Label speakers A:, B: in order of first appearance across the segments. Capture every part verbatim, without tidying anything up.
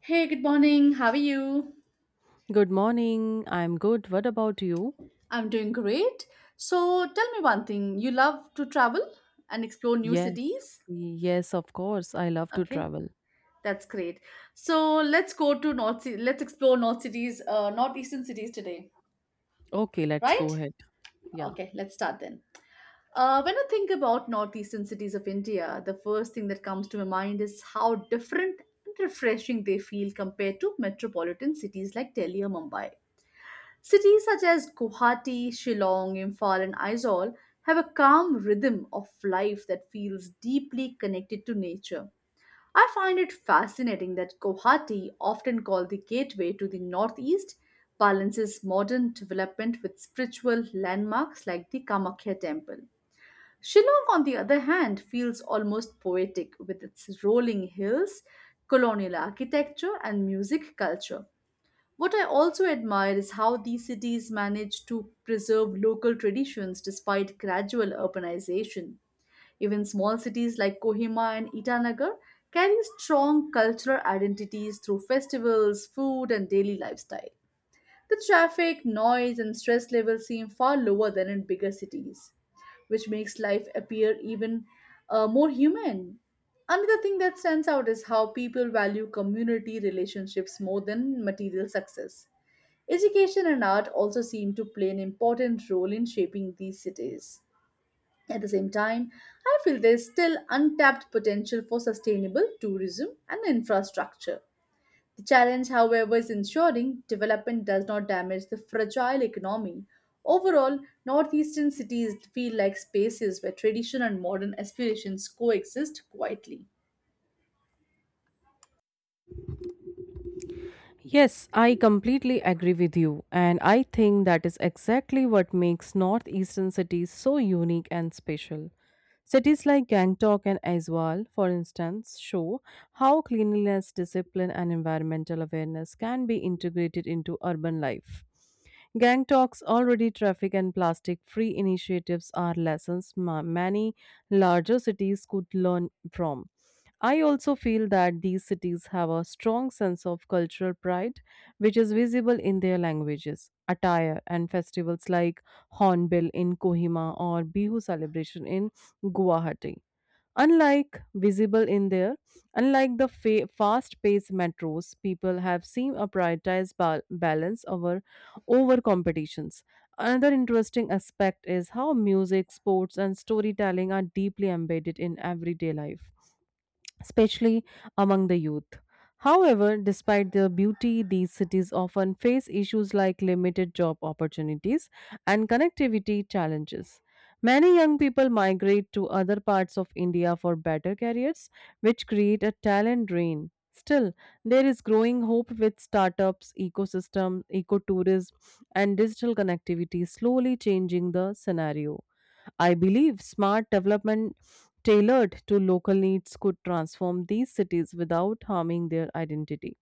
A: Hey, good morning. How are you?
B: Good morning. I'm good. What about you?
A: I'm doing great. So tell me one thing. You love to travel and explore new
B: Yes.
A: cities?
B: Yes, of course. I love to
A: Okay.
B: travel.
A: That's great. So let's go to North Ci- let's explore North cities, uh, northeastern cities today,
B: Okay, let's
A: right?
B: go ahead. Yeah.
A: Okay, let's start then. Uh, when I think about northeastern cities of India, the first thing that comes to my mind is how different and refreshing they feel compared to metropolitan cities like Delhi or Mumbai. Cities such as Guwahati, Shillong, Imphal, and Aizawl have a calm rhythm of life that feels deeply connected to nature. I find it fascinating that Guwahati, often called the gateway to the northeast, balances modern development with spiritual landmarks like the Kamakhya Temple. Shillong, on the other hand, feels almost poetic with its rolling hills, colonial architecture, and music culture. What I also admire is how these cities manage to preserve local traditions despite gradual urbanization. Even small cities like Kohima and Itanagar carry strong cultural identities through festivals, food, and daily lifestyle. The traffic, noise, and stress levels seem far lower than in bigger cities, which makes life appear even uh, more human. Another thing that stands out is how people value community relationships more than material success. Education and art also seem to play an important role in shaping these cities. At the same time, I feel there's still untapped potential for sustainable tourism and infrastructure. The challenge, however, is ensuring development does not damage the fragile economy. Overall, northeastern cities feel like spaces where tradition and modern aspirations coexist quietly.
B: Yes, I completely agree with you. And I think that is exactly what makes northeastern cities so unique and special. Cities like Gangtok and Aizwal, for instance, show how cleanliness, discipline, and environmental awareness can be integrated into urban life. Gangtok's already traffic and plastic free initiatives are lessons ma- many larger cities could learn from. I also feel that these cities have a strong sense of cultural pride, which is visible in their languages, attire, and festivals like Hornbill in Kohima or Bihu celebration in Guwahati. Unlike visible in there, unlike the fa- fast-paced metros, people have seen a prioritized bal- balance over over competitions. Another interesting aspect is how music, sports, and storytelling are deeply embedded in everyday life especially among the youth. However, despite their beauty, these cities often face issues like limited job opportunities and connectivity challenges. Many young people migrate to other parts of India for better careers, which create a talent drain. Still, there is growing hope with startups, ecosystem, ecotourism, and digital connectivity slowly changing the scenario. I believe smart development tailored to local needs could transform these cities without harming their identity.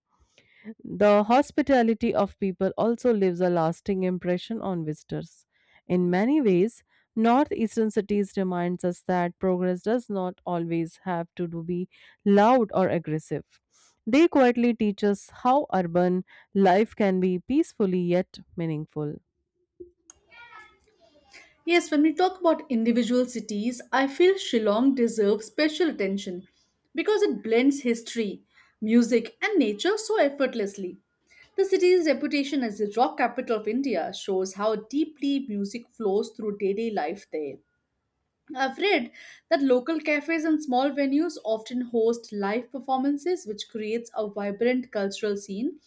B: The hospitality of people also leaves a lasting impression on visitors. In many ways, northeastern cities reminds us that progress does not always have to do- be loud or aggressive. They quietly teach us how urban life can be peacefully yet meaningful.
A: Yes, when we talk about individual cities, I feel Shillong deserves special attention because it blends history, music, and nature so effortlessly. The city's reputation as the rock capital of India shows how deeply music flows through daily life there. I've read that local cafes and small venues often host live performances, which creates a vibrant cultural scene,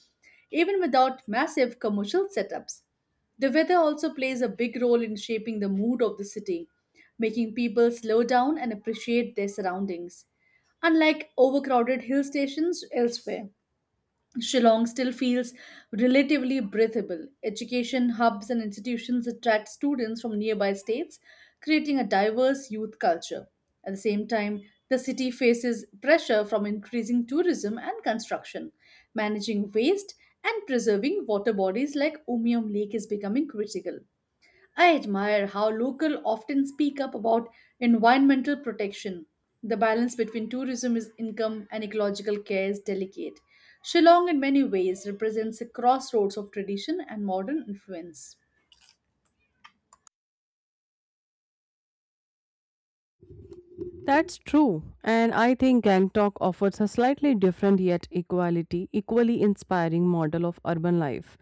A: even without massive commercial setups. The weather also plays a big role in shaping the mood of the city, making people slow down and appreciate their surroundings, unlike overcrowded hill stations elsewhere. Shillong still feels relatively breathable. Education hubs and institutions attract students from nearby states, creating a diverse youth culture. At the same time, the city faces pressure from increasing tourism and construction. Managing waste and preserving water bodies like Umium Lake is becoming critical. I admire how local often speak up about environmental protection. The balance between tourism is income and ecological care is delicate. Shillong, in many ways, represents a crossroads of tradition and modern influence.
B: That's true, and I think Gangtok offers a slightly different yet equality, equally inspiring model of urban life.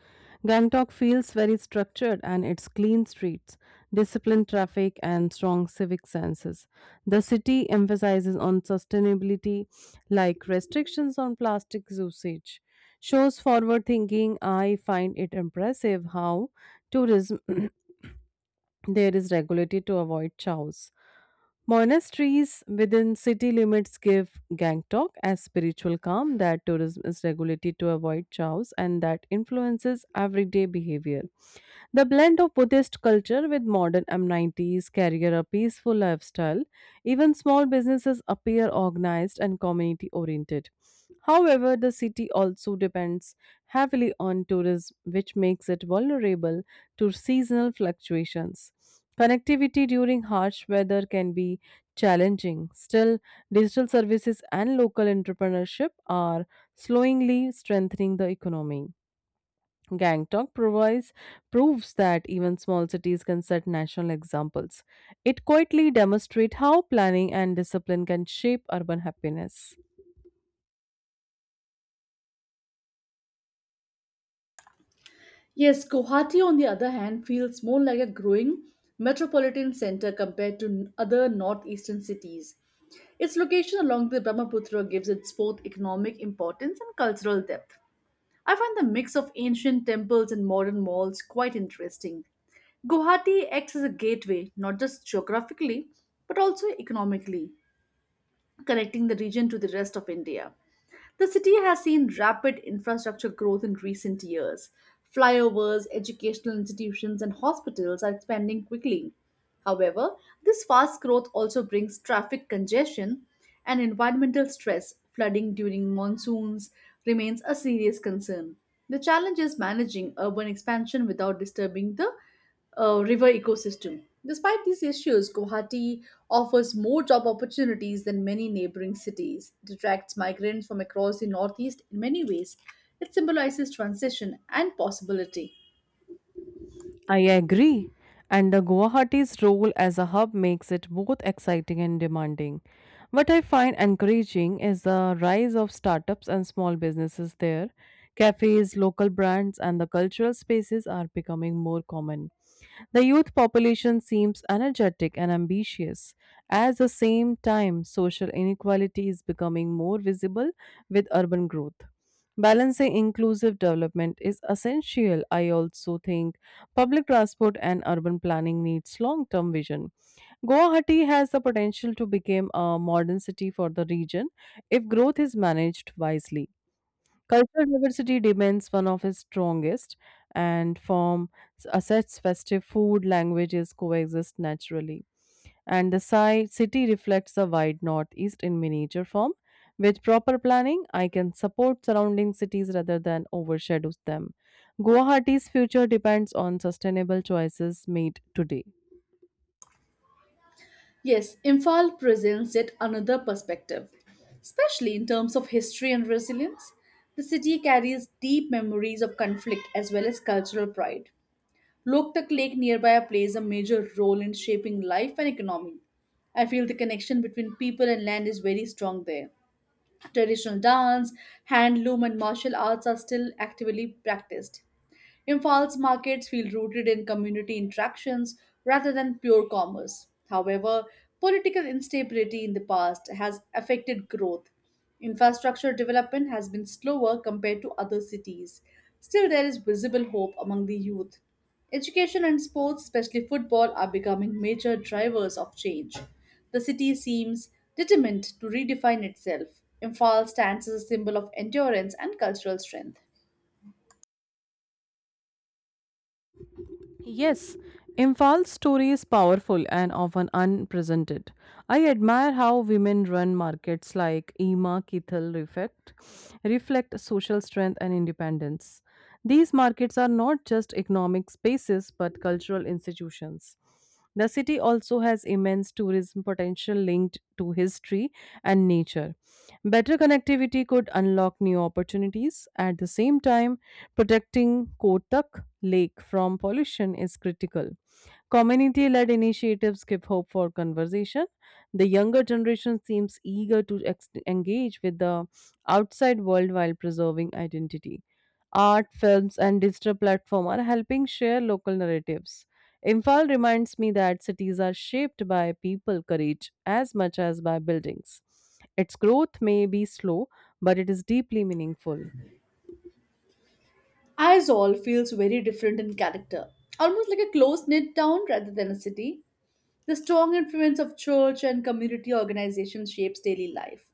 B: Gangtok feels very structured and its clean streets, disciplined traffic, and strong civic senses. The city emphasizes on sustainability, like restrictions on plastic usage. Shows forward thinking, I find it impressive how tourism there is regulated to avoid chows. Monasteries within city limits give Gangtok a spiritual calm that tourism is regulated to avoid chows and that influences everyday behavior. The blend of Buddhist culture with modern amenities, carries a peaceful lifestyle. Even small businesses appear organized and community oriented. However, the city also depends heavily on tourism, which makes it vulnerable to seasonal fluctuations. Connectivity during harsh weather can be challenging. Still, digital services and local entrepreneurship are slowly strengthening the economy. Gangtok provides proves that even small cities can set national examples. It quietly demonstrates how planning and discipline can shape urban happiness.
A: Yes, Guwahati, on the other hand, feels more like a growing metropolitan center compared to n- other northeastern cities. Its location along the Brahmaputra gives it both economic importance and cultural depth. I find the mix of ancient temples and modern malls quite interesting. Guwahati acts as a gateway, not just geographically, but also economically, connecting the region to the rest of India. The city has seen rapid infrastructure growth in recent years. Flyovers, educational institutions, and hospitals are expanding quickly. However, this fast growth also brings traffic congestion and environmental stress. Flooding during monsoons remains a serious concern. The challenge is managing urban expansion without disturbing the uh, river ecosystem. Despite these issues, Guwahati offers more job opportunities than many neighboring cities. It attracts migrants from across the Northeast in many ways. It symbolizes transition and possibility.
B: I agree. And the Guwahati's role as a hub makes it both exciting and demanding. What I find encouraging is the rise of startups and small businesses there. Cafes, local brands, and the cultural spaces are becoming more common. The youth population seems energetic and ambitious. At the same time, social inequality is becoming more visible with urban growth. Balancing inclusive development is essential. I also think public transport and urban planning needs long-term vision. Guwahati has the potential to become a modern city for the region if growth is managed wisely. Cultural diversity remains one of its strongest, and from a such festive food languages coexist naturally. And the si- city reflects the wide northeast in miniature form. With proper planning, I can support surrounding cities rather than overshadow them. Guwahati's future depends on sustainable choices made today.
A: Yes, Imphal presents yet another perspective, especially in terms of history and resilience. The city carries deep memories of conflict as well as cultural pride. Loktak Lake nearby plays a major role in shaping life and economy. I feel the connection between people and land is very strong there. Traditional dance, handloom, and martial arts are still actively practiced. Imphal's markets feel rooted in community interactions rather than pure commerce. However, political instability in the past has affected growth. Infrastructure development has been slower compared to other cities. Still, there is visible hope among the youth. Education and sports, especially football, are becoming major drivers of change. The city seems determined to redefine itself. Imphal stands as a symbol of endurance and cultural strength.
B: Yes, Imphal's story is powerful and often unpresented. I admire how women run markets like Ema Kithal reflect, reflect social strength and independence. These markets are not just economic spaces but cultural institutions. The city also has immense tourism potential linked to history and nature. Better connectivity could unlock new opportunities. At the same time, Protecting Kotak Lake from pollution is critical. Community led initiatives give hope for conversation. The younger generation seems eager to ex- engage with the outside world while preserving identity. Art, films, and digital platforms are helping share local narratives. Imphal reminds me that cities are shaped by people courage as much as by buildings. Its growth may be slow, but it is deeply meaningful.
A: Aizawl feels very different in character, almost like a close knit town rather than a city. The strong influence of church and community organizations shapes daily life.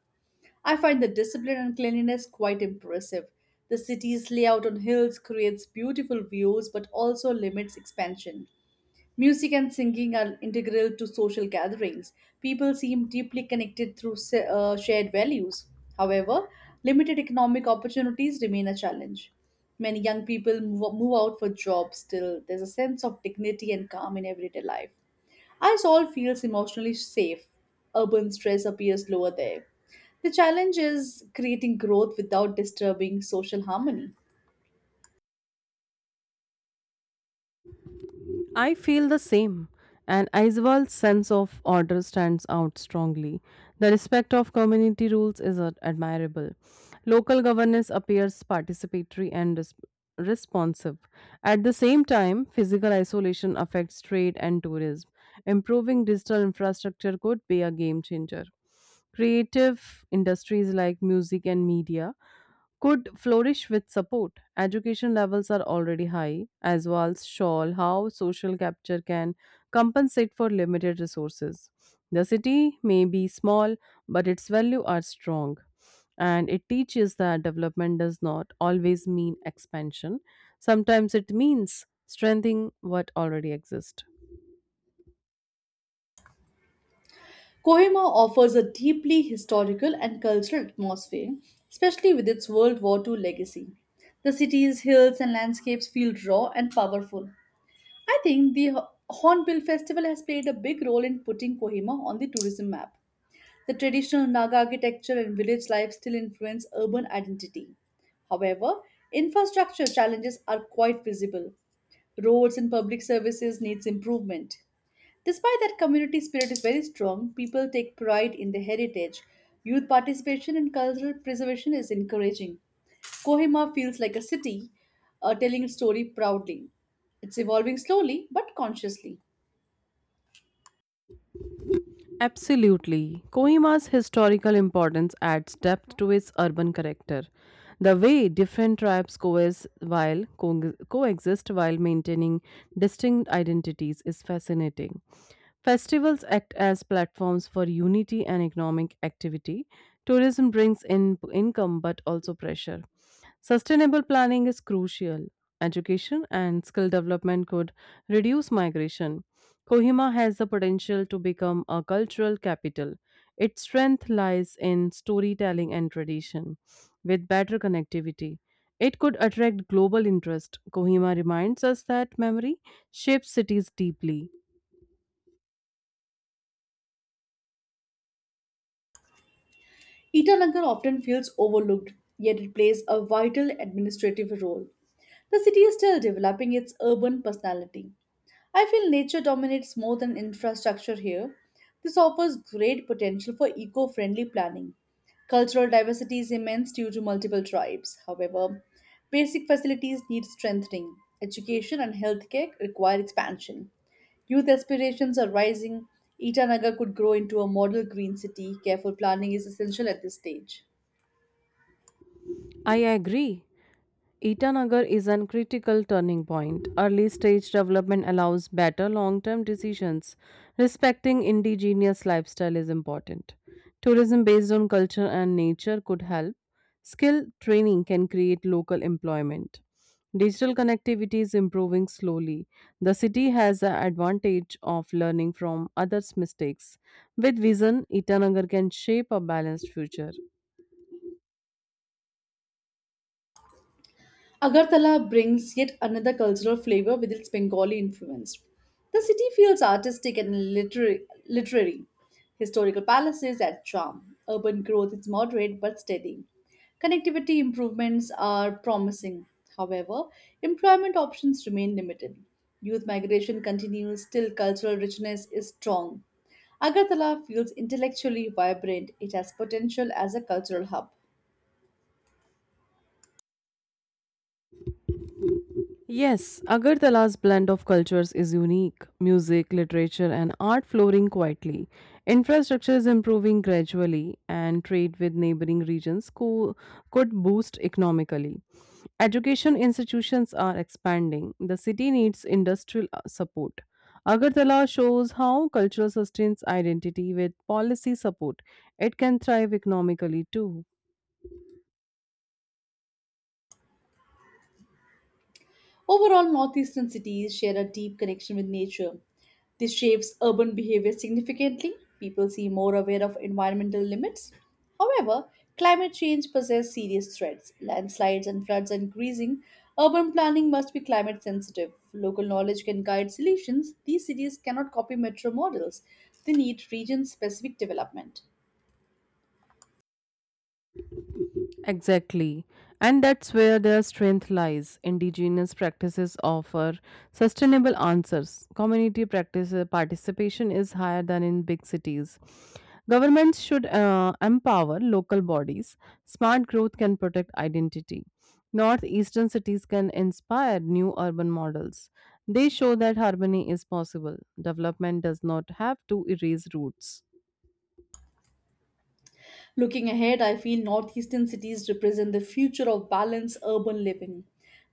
A: I find the discipline and cleanliness quite impressive. The city's layout on hills creates beautiful views but also limits expansion. Music and singing are integral to social gatherings. People seem deeply connected through sa- uh, shared values. However, limited economic opportunities remain a challenge. Many young people move, move out for jobs still. There's a sense of dignity and calm in everyday life. As all feels emotionally safe, urban stress appears lower there. The challenge is creating growth without disturbing social harmony.
B: I feel the same, and Aizwal's sense of order stands out strongly. The respect of community rules is ad- admirable. Local governance appears participatory and res- responsive. At the same time, physical isolation affects trade and tourism. Improving digital infrastructure could be a game changer. Creative industries like music and media could flourish with support. Education levels are already high, as Walls show how social capture can compensate for limited resources. The city may be small, but its value are strong. And it teaches that development does not always mean expansion. Sometimes it means strengthening what already exists.
A: Kohima offers a deeply historical and cultural atmosphere, especially with its World War the second legacy. The city's hills and landscapes feel raw and powerful. I think the Ho- Hornbill Festival has played a big role in putting Kohima on the tourism map. The traditional Naga architecture and village life still influence urban identity. However, infrastructure challenges are quite visible. Roads and public services needs improvement. Despite that community spirit is very strong, people take pride in their heritage. Youth participation in cultural preservation is encouraging. Kohima feels like a city uh, telling its story proudly. It's evolving slowly but consciously.
B: Absolutely. Kohima's historical importance adds depth to its urban character. The way different tribes coes- while co- coexist while maintaining distinct identities is fascinating. Festivals act as platforms for unity and economic activity. Tourism brings in income but also pressure. Sustainable planning is crucial. Education and skill development could reduce migration. Kohima has the potential to become a cultural capital. Its strength lies in storytelling and tradition. With better connectivity, it could attract global interest. Kohima reminds us that memory shapes cities deeply.
A: Itanagar often feels overlooked, yet it plays a vital administrative role. The city is still developing its urban personality. I feel nature dominates more than infrastructure here. This offers great potential for eco friendly planning. Cultural diversity is immense due to multiple tribes. However, basic facilities need strengthening. Education and healthcare require expansion. Youth aspirations are rising. Itanagar could grow into a model green city. Careful planning is essential at this stage.
B: I agree. Itanagar is a critical turning point. Early stage development allows better long term decisions. Respecting indigenous lifestyle is important. Tourism based on culture and nature could help. Skill training can create local employment. Digital connectivity is improving slowly. The city has the advantage of learning from others' mistakes. With vision, Itanagar can shape a balanced future.
A: Agartala brings yet another cultural flavor with its Bengali influence. The city feels artistic and literary. literary. Historical palaces add charm. Urban growth is moderate but steady. Connectivity improvements are promising. However, employment options remain limited. Youth migration continues, still, cultural richness is strong. Agartala feels intellectually vibrant. It has potential as a cultural hub.
B: Yes, Agartala's blend of cultures is unique. Music, literature, and art flowering quietly. Infrastructure is improving gradually, and trade with neighboring regions co- could boost economically. Education institutions are expanding. The city needs industrial uh, support. Agartala shows how culture sustains identity with policy support. It can thrive economically too.
A: Overall, northeastern cities share a deep connection with nature. This shapes urban behavior significantly. People seem more aware of environmental limits. However, climate change poses serious threats. Landslides and floods are increasing. Urban planning must be climate sensitive. Local knowledge can guide solutions. These cities cannot copy metro models. They need region specific development.
B: Exactly. And that's where their strength lies. Indigenous practices offer sustainable answers. Community practice uh, participation is higher than in big cities. Governments should uh, empower local bodies. Smart growth can protect identity. Northeastern cities can inspire new urban models. They show that harmony is possible. Development does not have to erase roots.
A: Looking ahead, I feel northeastern cities represent the future of balanced urban living.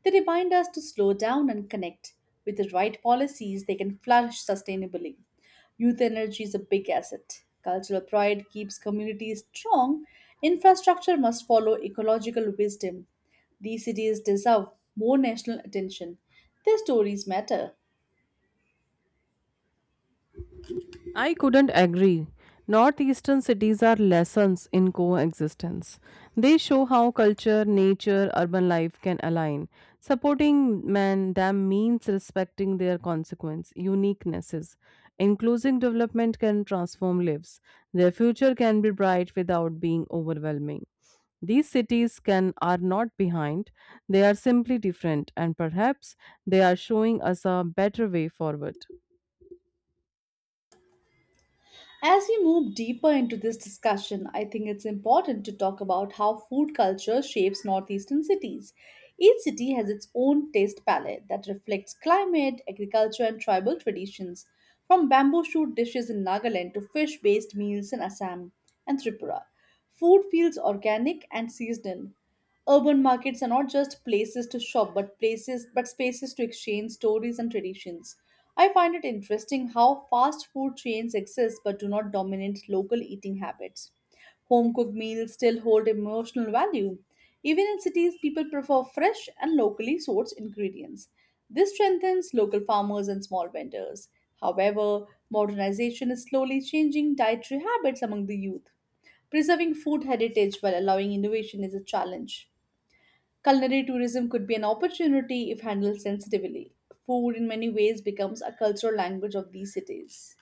A: They remind us to slow down and connect. With the right policies, they can flourish sustainably. Youth energy is a big asset. Cultural pride keeps communities strong. Infrastructure must follow ecological wisdom. These cities deserve more national attention. Their stories matter.
B: I couldn't agree. Northeastern cities are lessons in coexistence. They show how culture, nature, urban life can align. Supporting man them means respecting their consequence, uniquenesses. Inclusive development can transform lives. Their future can be bright without being overwhelming. These cities can are not behind. They are simply different and perhaps they are showing us a better way forward.
A: As we move deeper into this discussion, I think it's important to talk about how food culture shapes northeastern cities. Each city has its own taste palette that reflects climate, agriculture, and tribal traditions, from bamboo shoot dishes in Nagaland to fish based meals in Assam and Tripura. Food feels organic and seasonal. Urban markets are not just places to shop, but places but spaces to exchange stories and traditions. I find it interesting how fast food chains exist but do not dominate local eating habits. Home cooked meals still hold emotional value. Even in cities, people prefer fresh and locally sourced ingredients. This strengthens local farmers and small vendors. However, modernization is slowly changing dietary habits among the youth. Preserving food heritage while allowing innovation is a challenge. Culinary tourism could be an opportunity if handled sensitively. Food, in many ways, becomes a cultural language of these cities.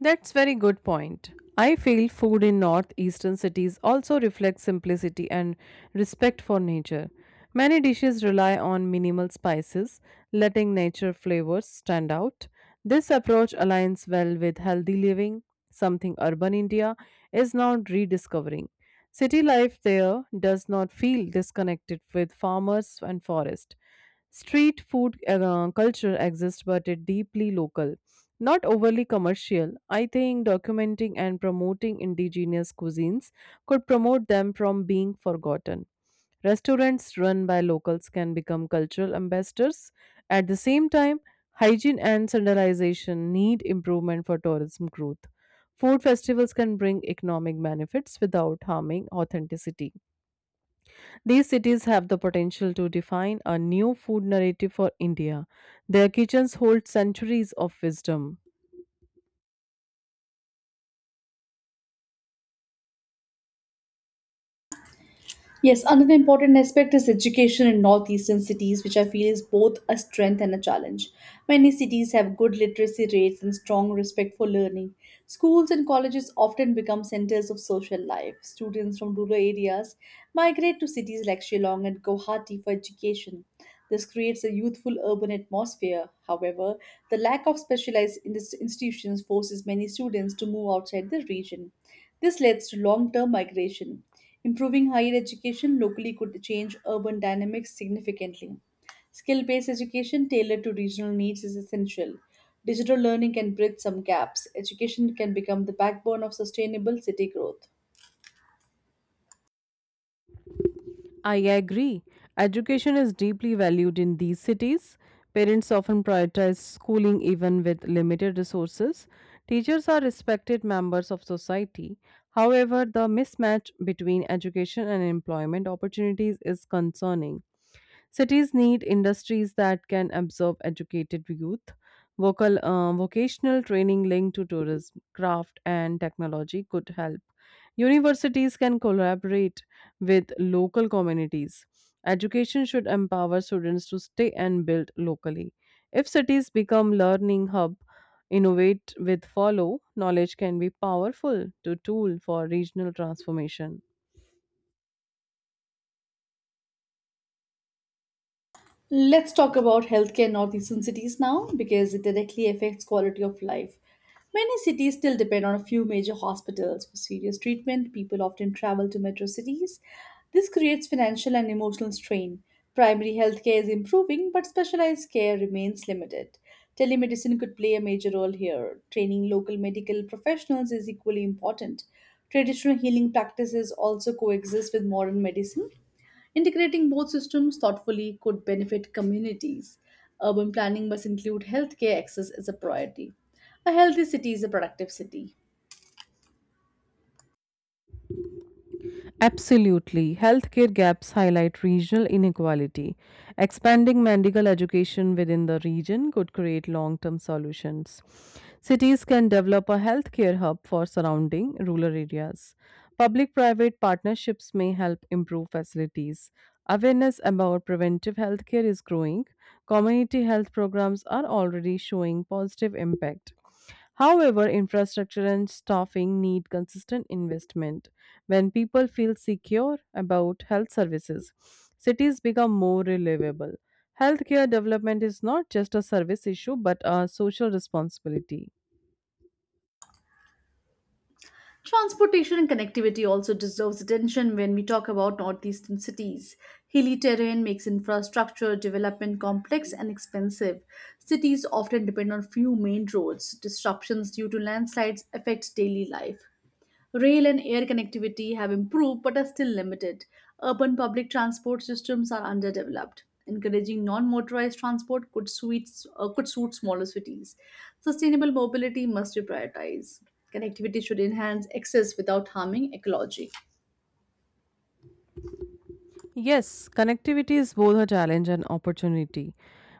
B: That's very good point. I feel food in northeastern cities also reflects simplicity and respect for nature. Many dishes rely on minimal spices, letting nature flavors stand out. This approach aligns well with healthy living, something urban India is now rediscovering. City life there does not feel disconnected with farmers and forest. Street food uh, culture exists, but it's deeply local, not overly commercial. I think documenting and promoting indigenous cuisines could promote them from being forgotten. Restaurants run by locals can become cultural ambassadors. At the same time, hygiene and standardization need improvement for tourism growth. Food festivals can bring economic benefits without harming authenticity. These cities have the potential to define a new food narrative for India. Their kitchens hold centuries of wisdom.
A: Yes, another important aspect is education in northeastern cities, which I feel is both a strength and a challenge. Many cities have good literacy rates and strong respect for learning. Schools and colleges often become centers of social life. Students from rural areas migrate to cities like Shillong and Guwahati for education. This creates a youthful urban atmosphere. However, the lack of specialized indus- institutions forces many students to move outside the region. This leads to long term migration. Improving higher education locally could change urban dynamics significantly. Skill based education tailored to regional needs is essential. Digital learning can bridge some gaps. Education can become the backbone of sustainable city growth.
B: I agree. Education is deeply valued in these cities. Parents often prioritize schooling even with limited resources. Teachers are respected members of society. However, the mismatch between education and employment opportunities is concerning. Cities need industries that can absorb educated youth. Vocal, uh, vocational training linked to tourism, craft, and technology could help. Universities can collaborate with local communities. Education should empower students to stay and build locally. If cities become learning hub, innovate with follow, knowledge can be powerful to tool for regional transformation.
A: Let's talk about healthcare in northeastern cities now because it directly affects quality of life. Many cities still depend on a few major hospitals for serious treatment. People often travel to metro cities. This creates financial and emotional strain. Primary healthcare is improving, but specialized care remains limited. Telemedicine could play a major role here. Training local medical professionals is equally important. Traditional healing practices also coexist with modern medicine. Integrating both systems thoughtfully could benefit communities. Urban planning must include healthcare access as a priority. A healthy city is a productive city.
B: Absolutely. Healthcare gaps highlight regional inequality. Expanding medical education within the region could create long term solutions. Cities can develop a healthcare hub for surrounding rural areas. Public private partnerships may help improve facilities. Awareness about preventive healthcare is growing. Community health programs are already showing positive impact. However, infrastructure and staffing need consistent investment. When people feel secure about health services, cities become more reliable. Healthcare development is not just a service issue but a social responsibility.
A: Transportation and connectivity also deserves attention when we talk about northeastern cities. Hilly terrain makes infrastructure development complex and expensive. Cities often depend on few main roads. Disruptions due to landslides affect daily life. Rail and air connectivity have improved but are still limited. Urban public transport systems are underdeveloped. Encouraging non-motorized transport could suit, uh, could suit smaller cities. Sustainable mobility must be prioritized. Connectivity should enhance access without harming ecology.
B: Yes, connectivity is both a challenge and opportunity.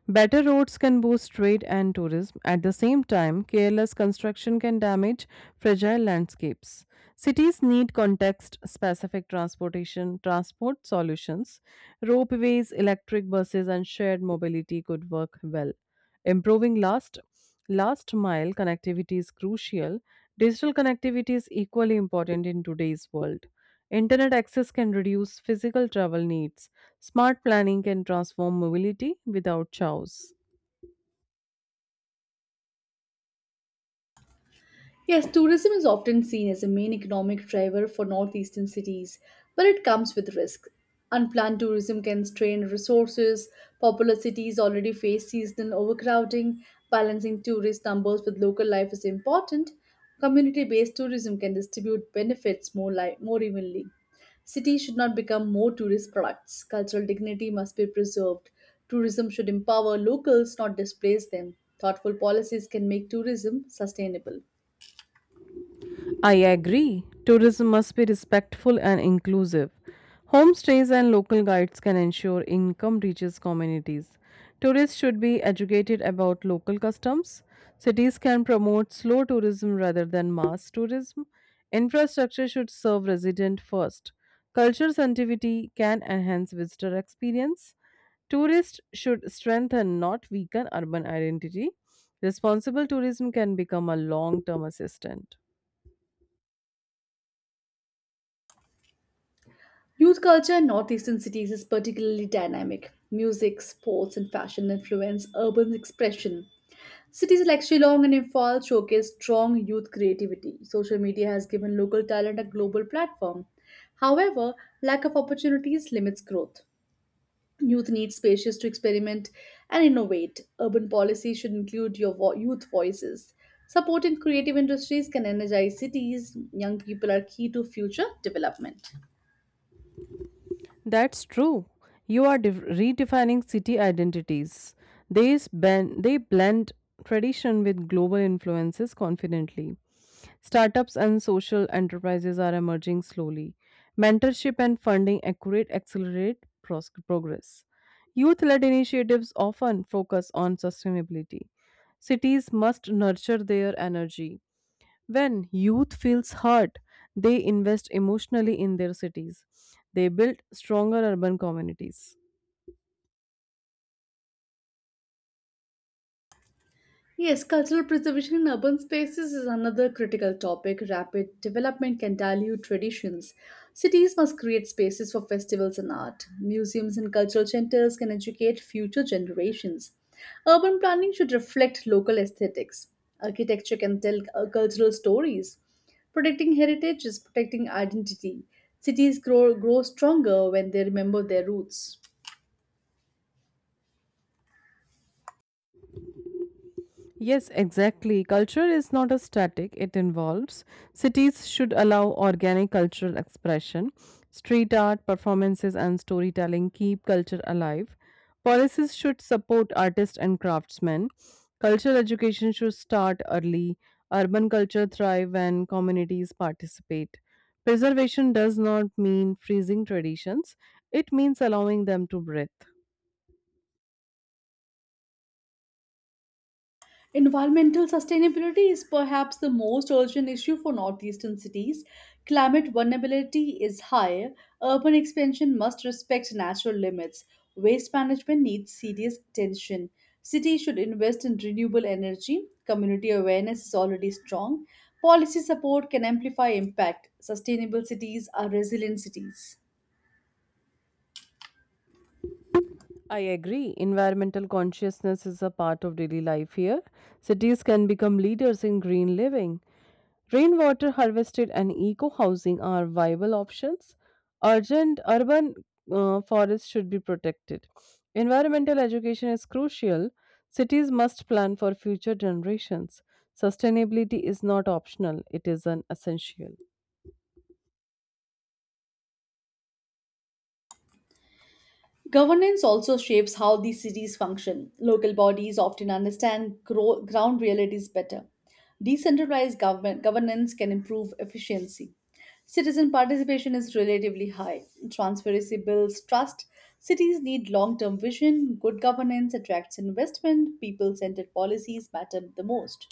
B: Better roads can boost trade and tourism. At the same time, careless construction can damage fragile landscapes. Cities need context specific transportation transport solutions. Ropeways, electric buses and shared mobility could work well. Improving last last mile connectivity is crucial. Digital connectivity is equally important in today's world. Internet access can reduce physical travel needs. Smart planning can transform mobility without chows.
A: Yes, tourism is often seen as a main economic driver for northeastern cities, but it comes with risks. Unplanned tourism can strain resources. Popular cities already face seasonal overcrowding. Balancing tourist numbers with local life is important. Community based tourism can distribute benefits more, li- more evenly. Cities should not become more tourist products. Cultural dignity must be preserved. Tourism should empower locals, not displace them. Thoughtful policies can make tourism sustainable.
B: I agree. Tourism must be respectful and inclusive. Homestays and local guides can ensure income reaches communities. Tourists should be educated about local customs. Cities can promote slow tourism rather than mass tourism. Infrastructure should serve resident first. Culture sensitivity can enhance visitor experience. Tourists should strengthen, not weaken, urban identity. Responsible tourism can become a long term assistant.
A: Youth culture in northeastern cities is particularly dynamic. Music, sports, and fashion influence urban expression. Cities like Shillong and Imphal showcase strong youth creativity. Social media has given local talent a global platform. However, lack of opportunities limits growth. Youth need spaces to experiment and innovate. Urban policy should include your vo- youth voices. Supporting creative industries can energize cities. Young people are key to future development.
B: That's true. You are def- redefining city identities. They, span- they blend tradition with global influences confidently. Startups and social enterprises are emerging slowly. Mentorship and funding accurate accelerate pros- progress. Youth led initiatives often focus on sustainability. Cities must nurture their energy. When youth feels hurt, they invest emotionally in their cities. They build stronger urban communities.
A: Yes, cultural preservation in urban spaces is another critical topic. Rapid development can dilute traditions. Cities must create spaces for festivals and art. Museums and cultural centers can educate future generations. Urban planning should reflect local aesthetics. Architecture can tell uh, cultural stories. Protecting heritage is protecting identity. Cities grow, grow stronger when they remember their roots.
B: Yes, exactly. Culture is not a static, it involves. Cities should allow organic cultural expression. Street art, performances, and storytelling keep culture alive. Policies should support artists and craftsmen. Cultural education should start early. Urban culture thrive when communities participate. Preservation does not mean freezing traditions, it means allowing them to breathe.
A: Environmental sustainability is perhaps the most urgent issue for northeastern cities. Climate vulnerability is high. Urban expansion must respect natural limits. Waste management needs serious attention. Cities should invest in renewable energy. Community awareness is already strong. Policy support can amplify impact. Sustainable cities are resilient cities.
B: I agree. Environmental consciousness is a part of daily life here. Cities can become leaders in green living. Rainwater harvested and eco housing are viable options. Urgent urban uh, forests should be protected. Environmental education is crucial. Cities must plan for future generations. Sustainability is not optional, it is an essential.
A: Governance also shapes how these cities function. Local bodies often understand gro- ground realities better. Decentralized government governance can improve efficiency. Citizen participation is relatively high. Transparency builds trust. Cities need long term vision. Good governance attracts investment. People centered policies matter the most.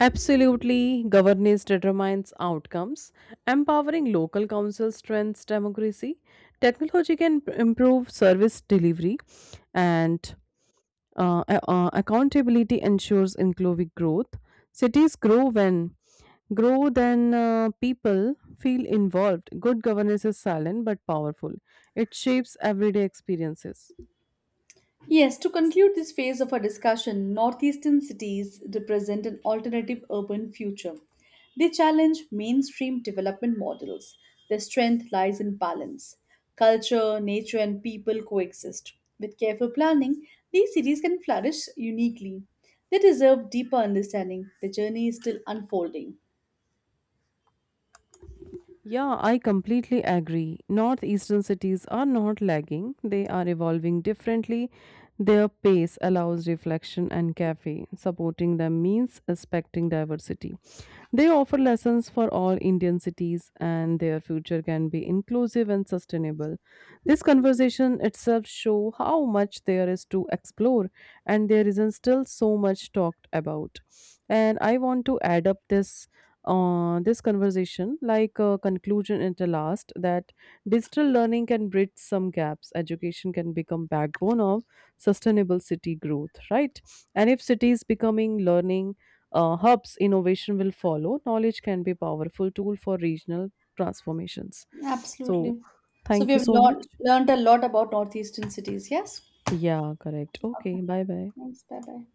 B: Absolutely, governance determines outcomes. Empowering local council strengthens democracy. Technology can improve service delivery, and uh, uh, accountability ensures inclusive growth. Cities grow when Grow then uh, people feel involved good governance is silent but powerful it shapes everyday experiences.
A: Yes, to conclude this phase of our discussion, northeastern cities represent an alternative urban future. They challenge mainstream development models. Their strength lies in balance. Culture, nature, and people coexist. With careful planning, these cities can flourish uniquely. They deserve deeper understanding. The journey is still unfolding.
B: Yeah, I completely agree. Northeastern cities are not lagging, they are evolving differently. Their pace allows reflection and cafe. Supporting them means respecting diversity. They offer lessons for all Indian cities and their future can be inclusive and sustainable. This conversation itself show how much there is to explore and there isn't still so much talked about. And I want to add up this uh, this conversation like a conclusion at the last that digital learning can bridge some gaps education can become backbone of sustainable city growth right and if cities becoming learning uh, hubs innovation will follow knowledge can be powerful tool for regional transformations so
A: Absolutely. So, we
B: thank you
A: have
B: so much
A: learned learned a lot about northeastern cities, yes?
B: yeah correct
A: Okay.
B: okay bye bye.
A: Thanks. Bye bye.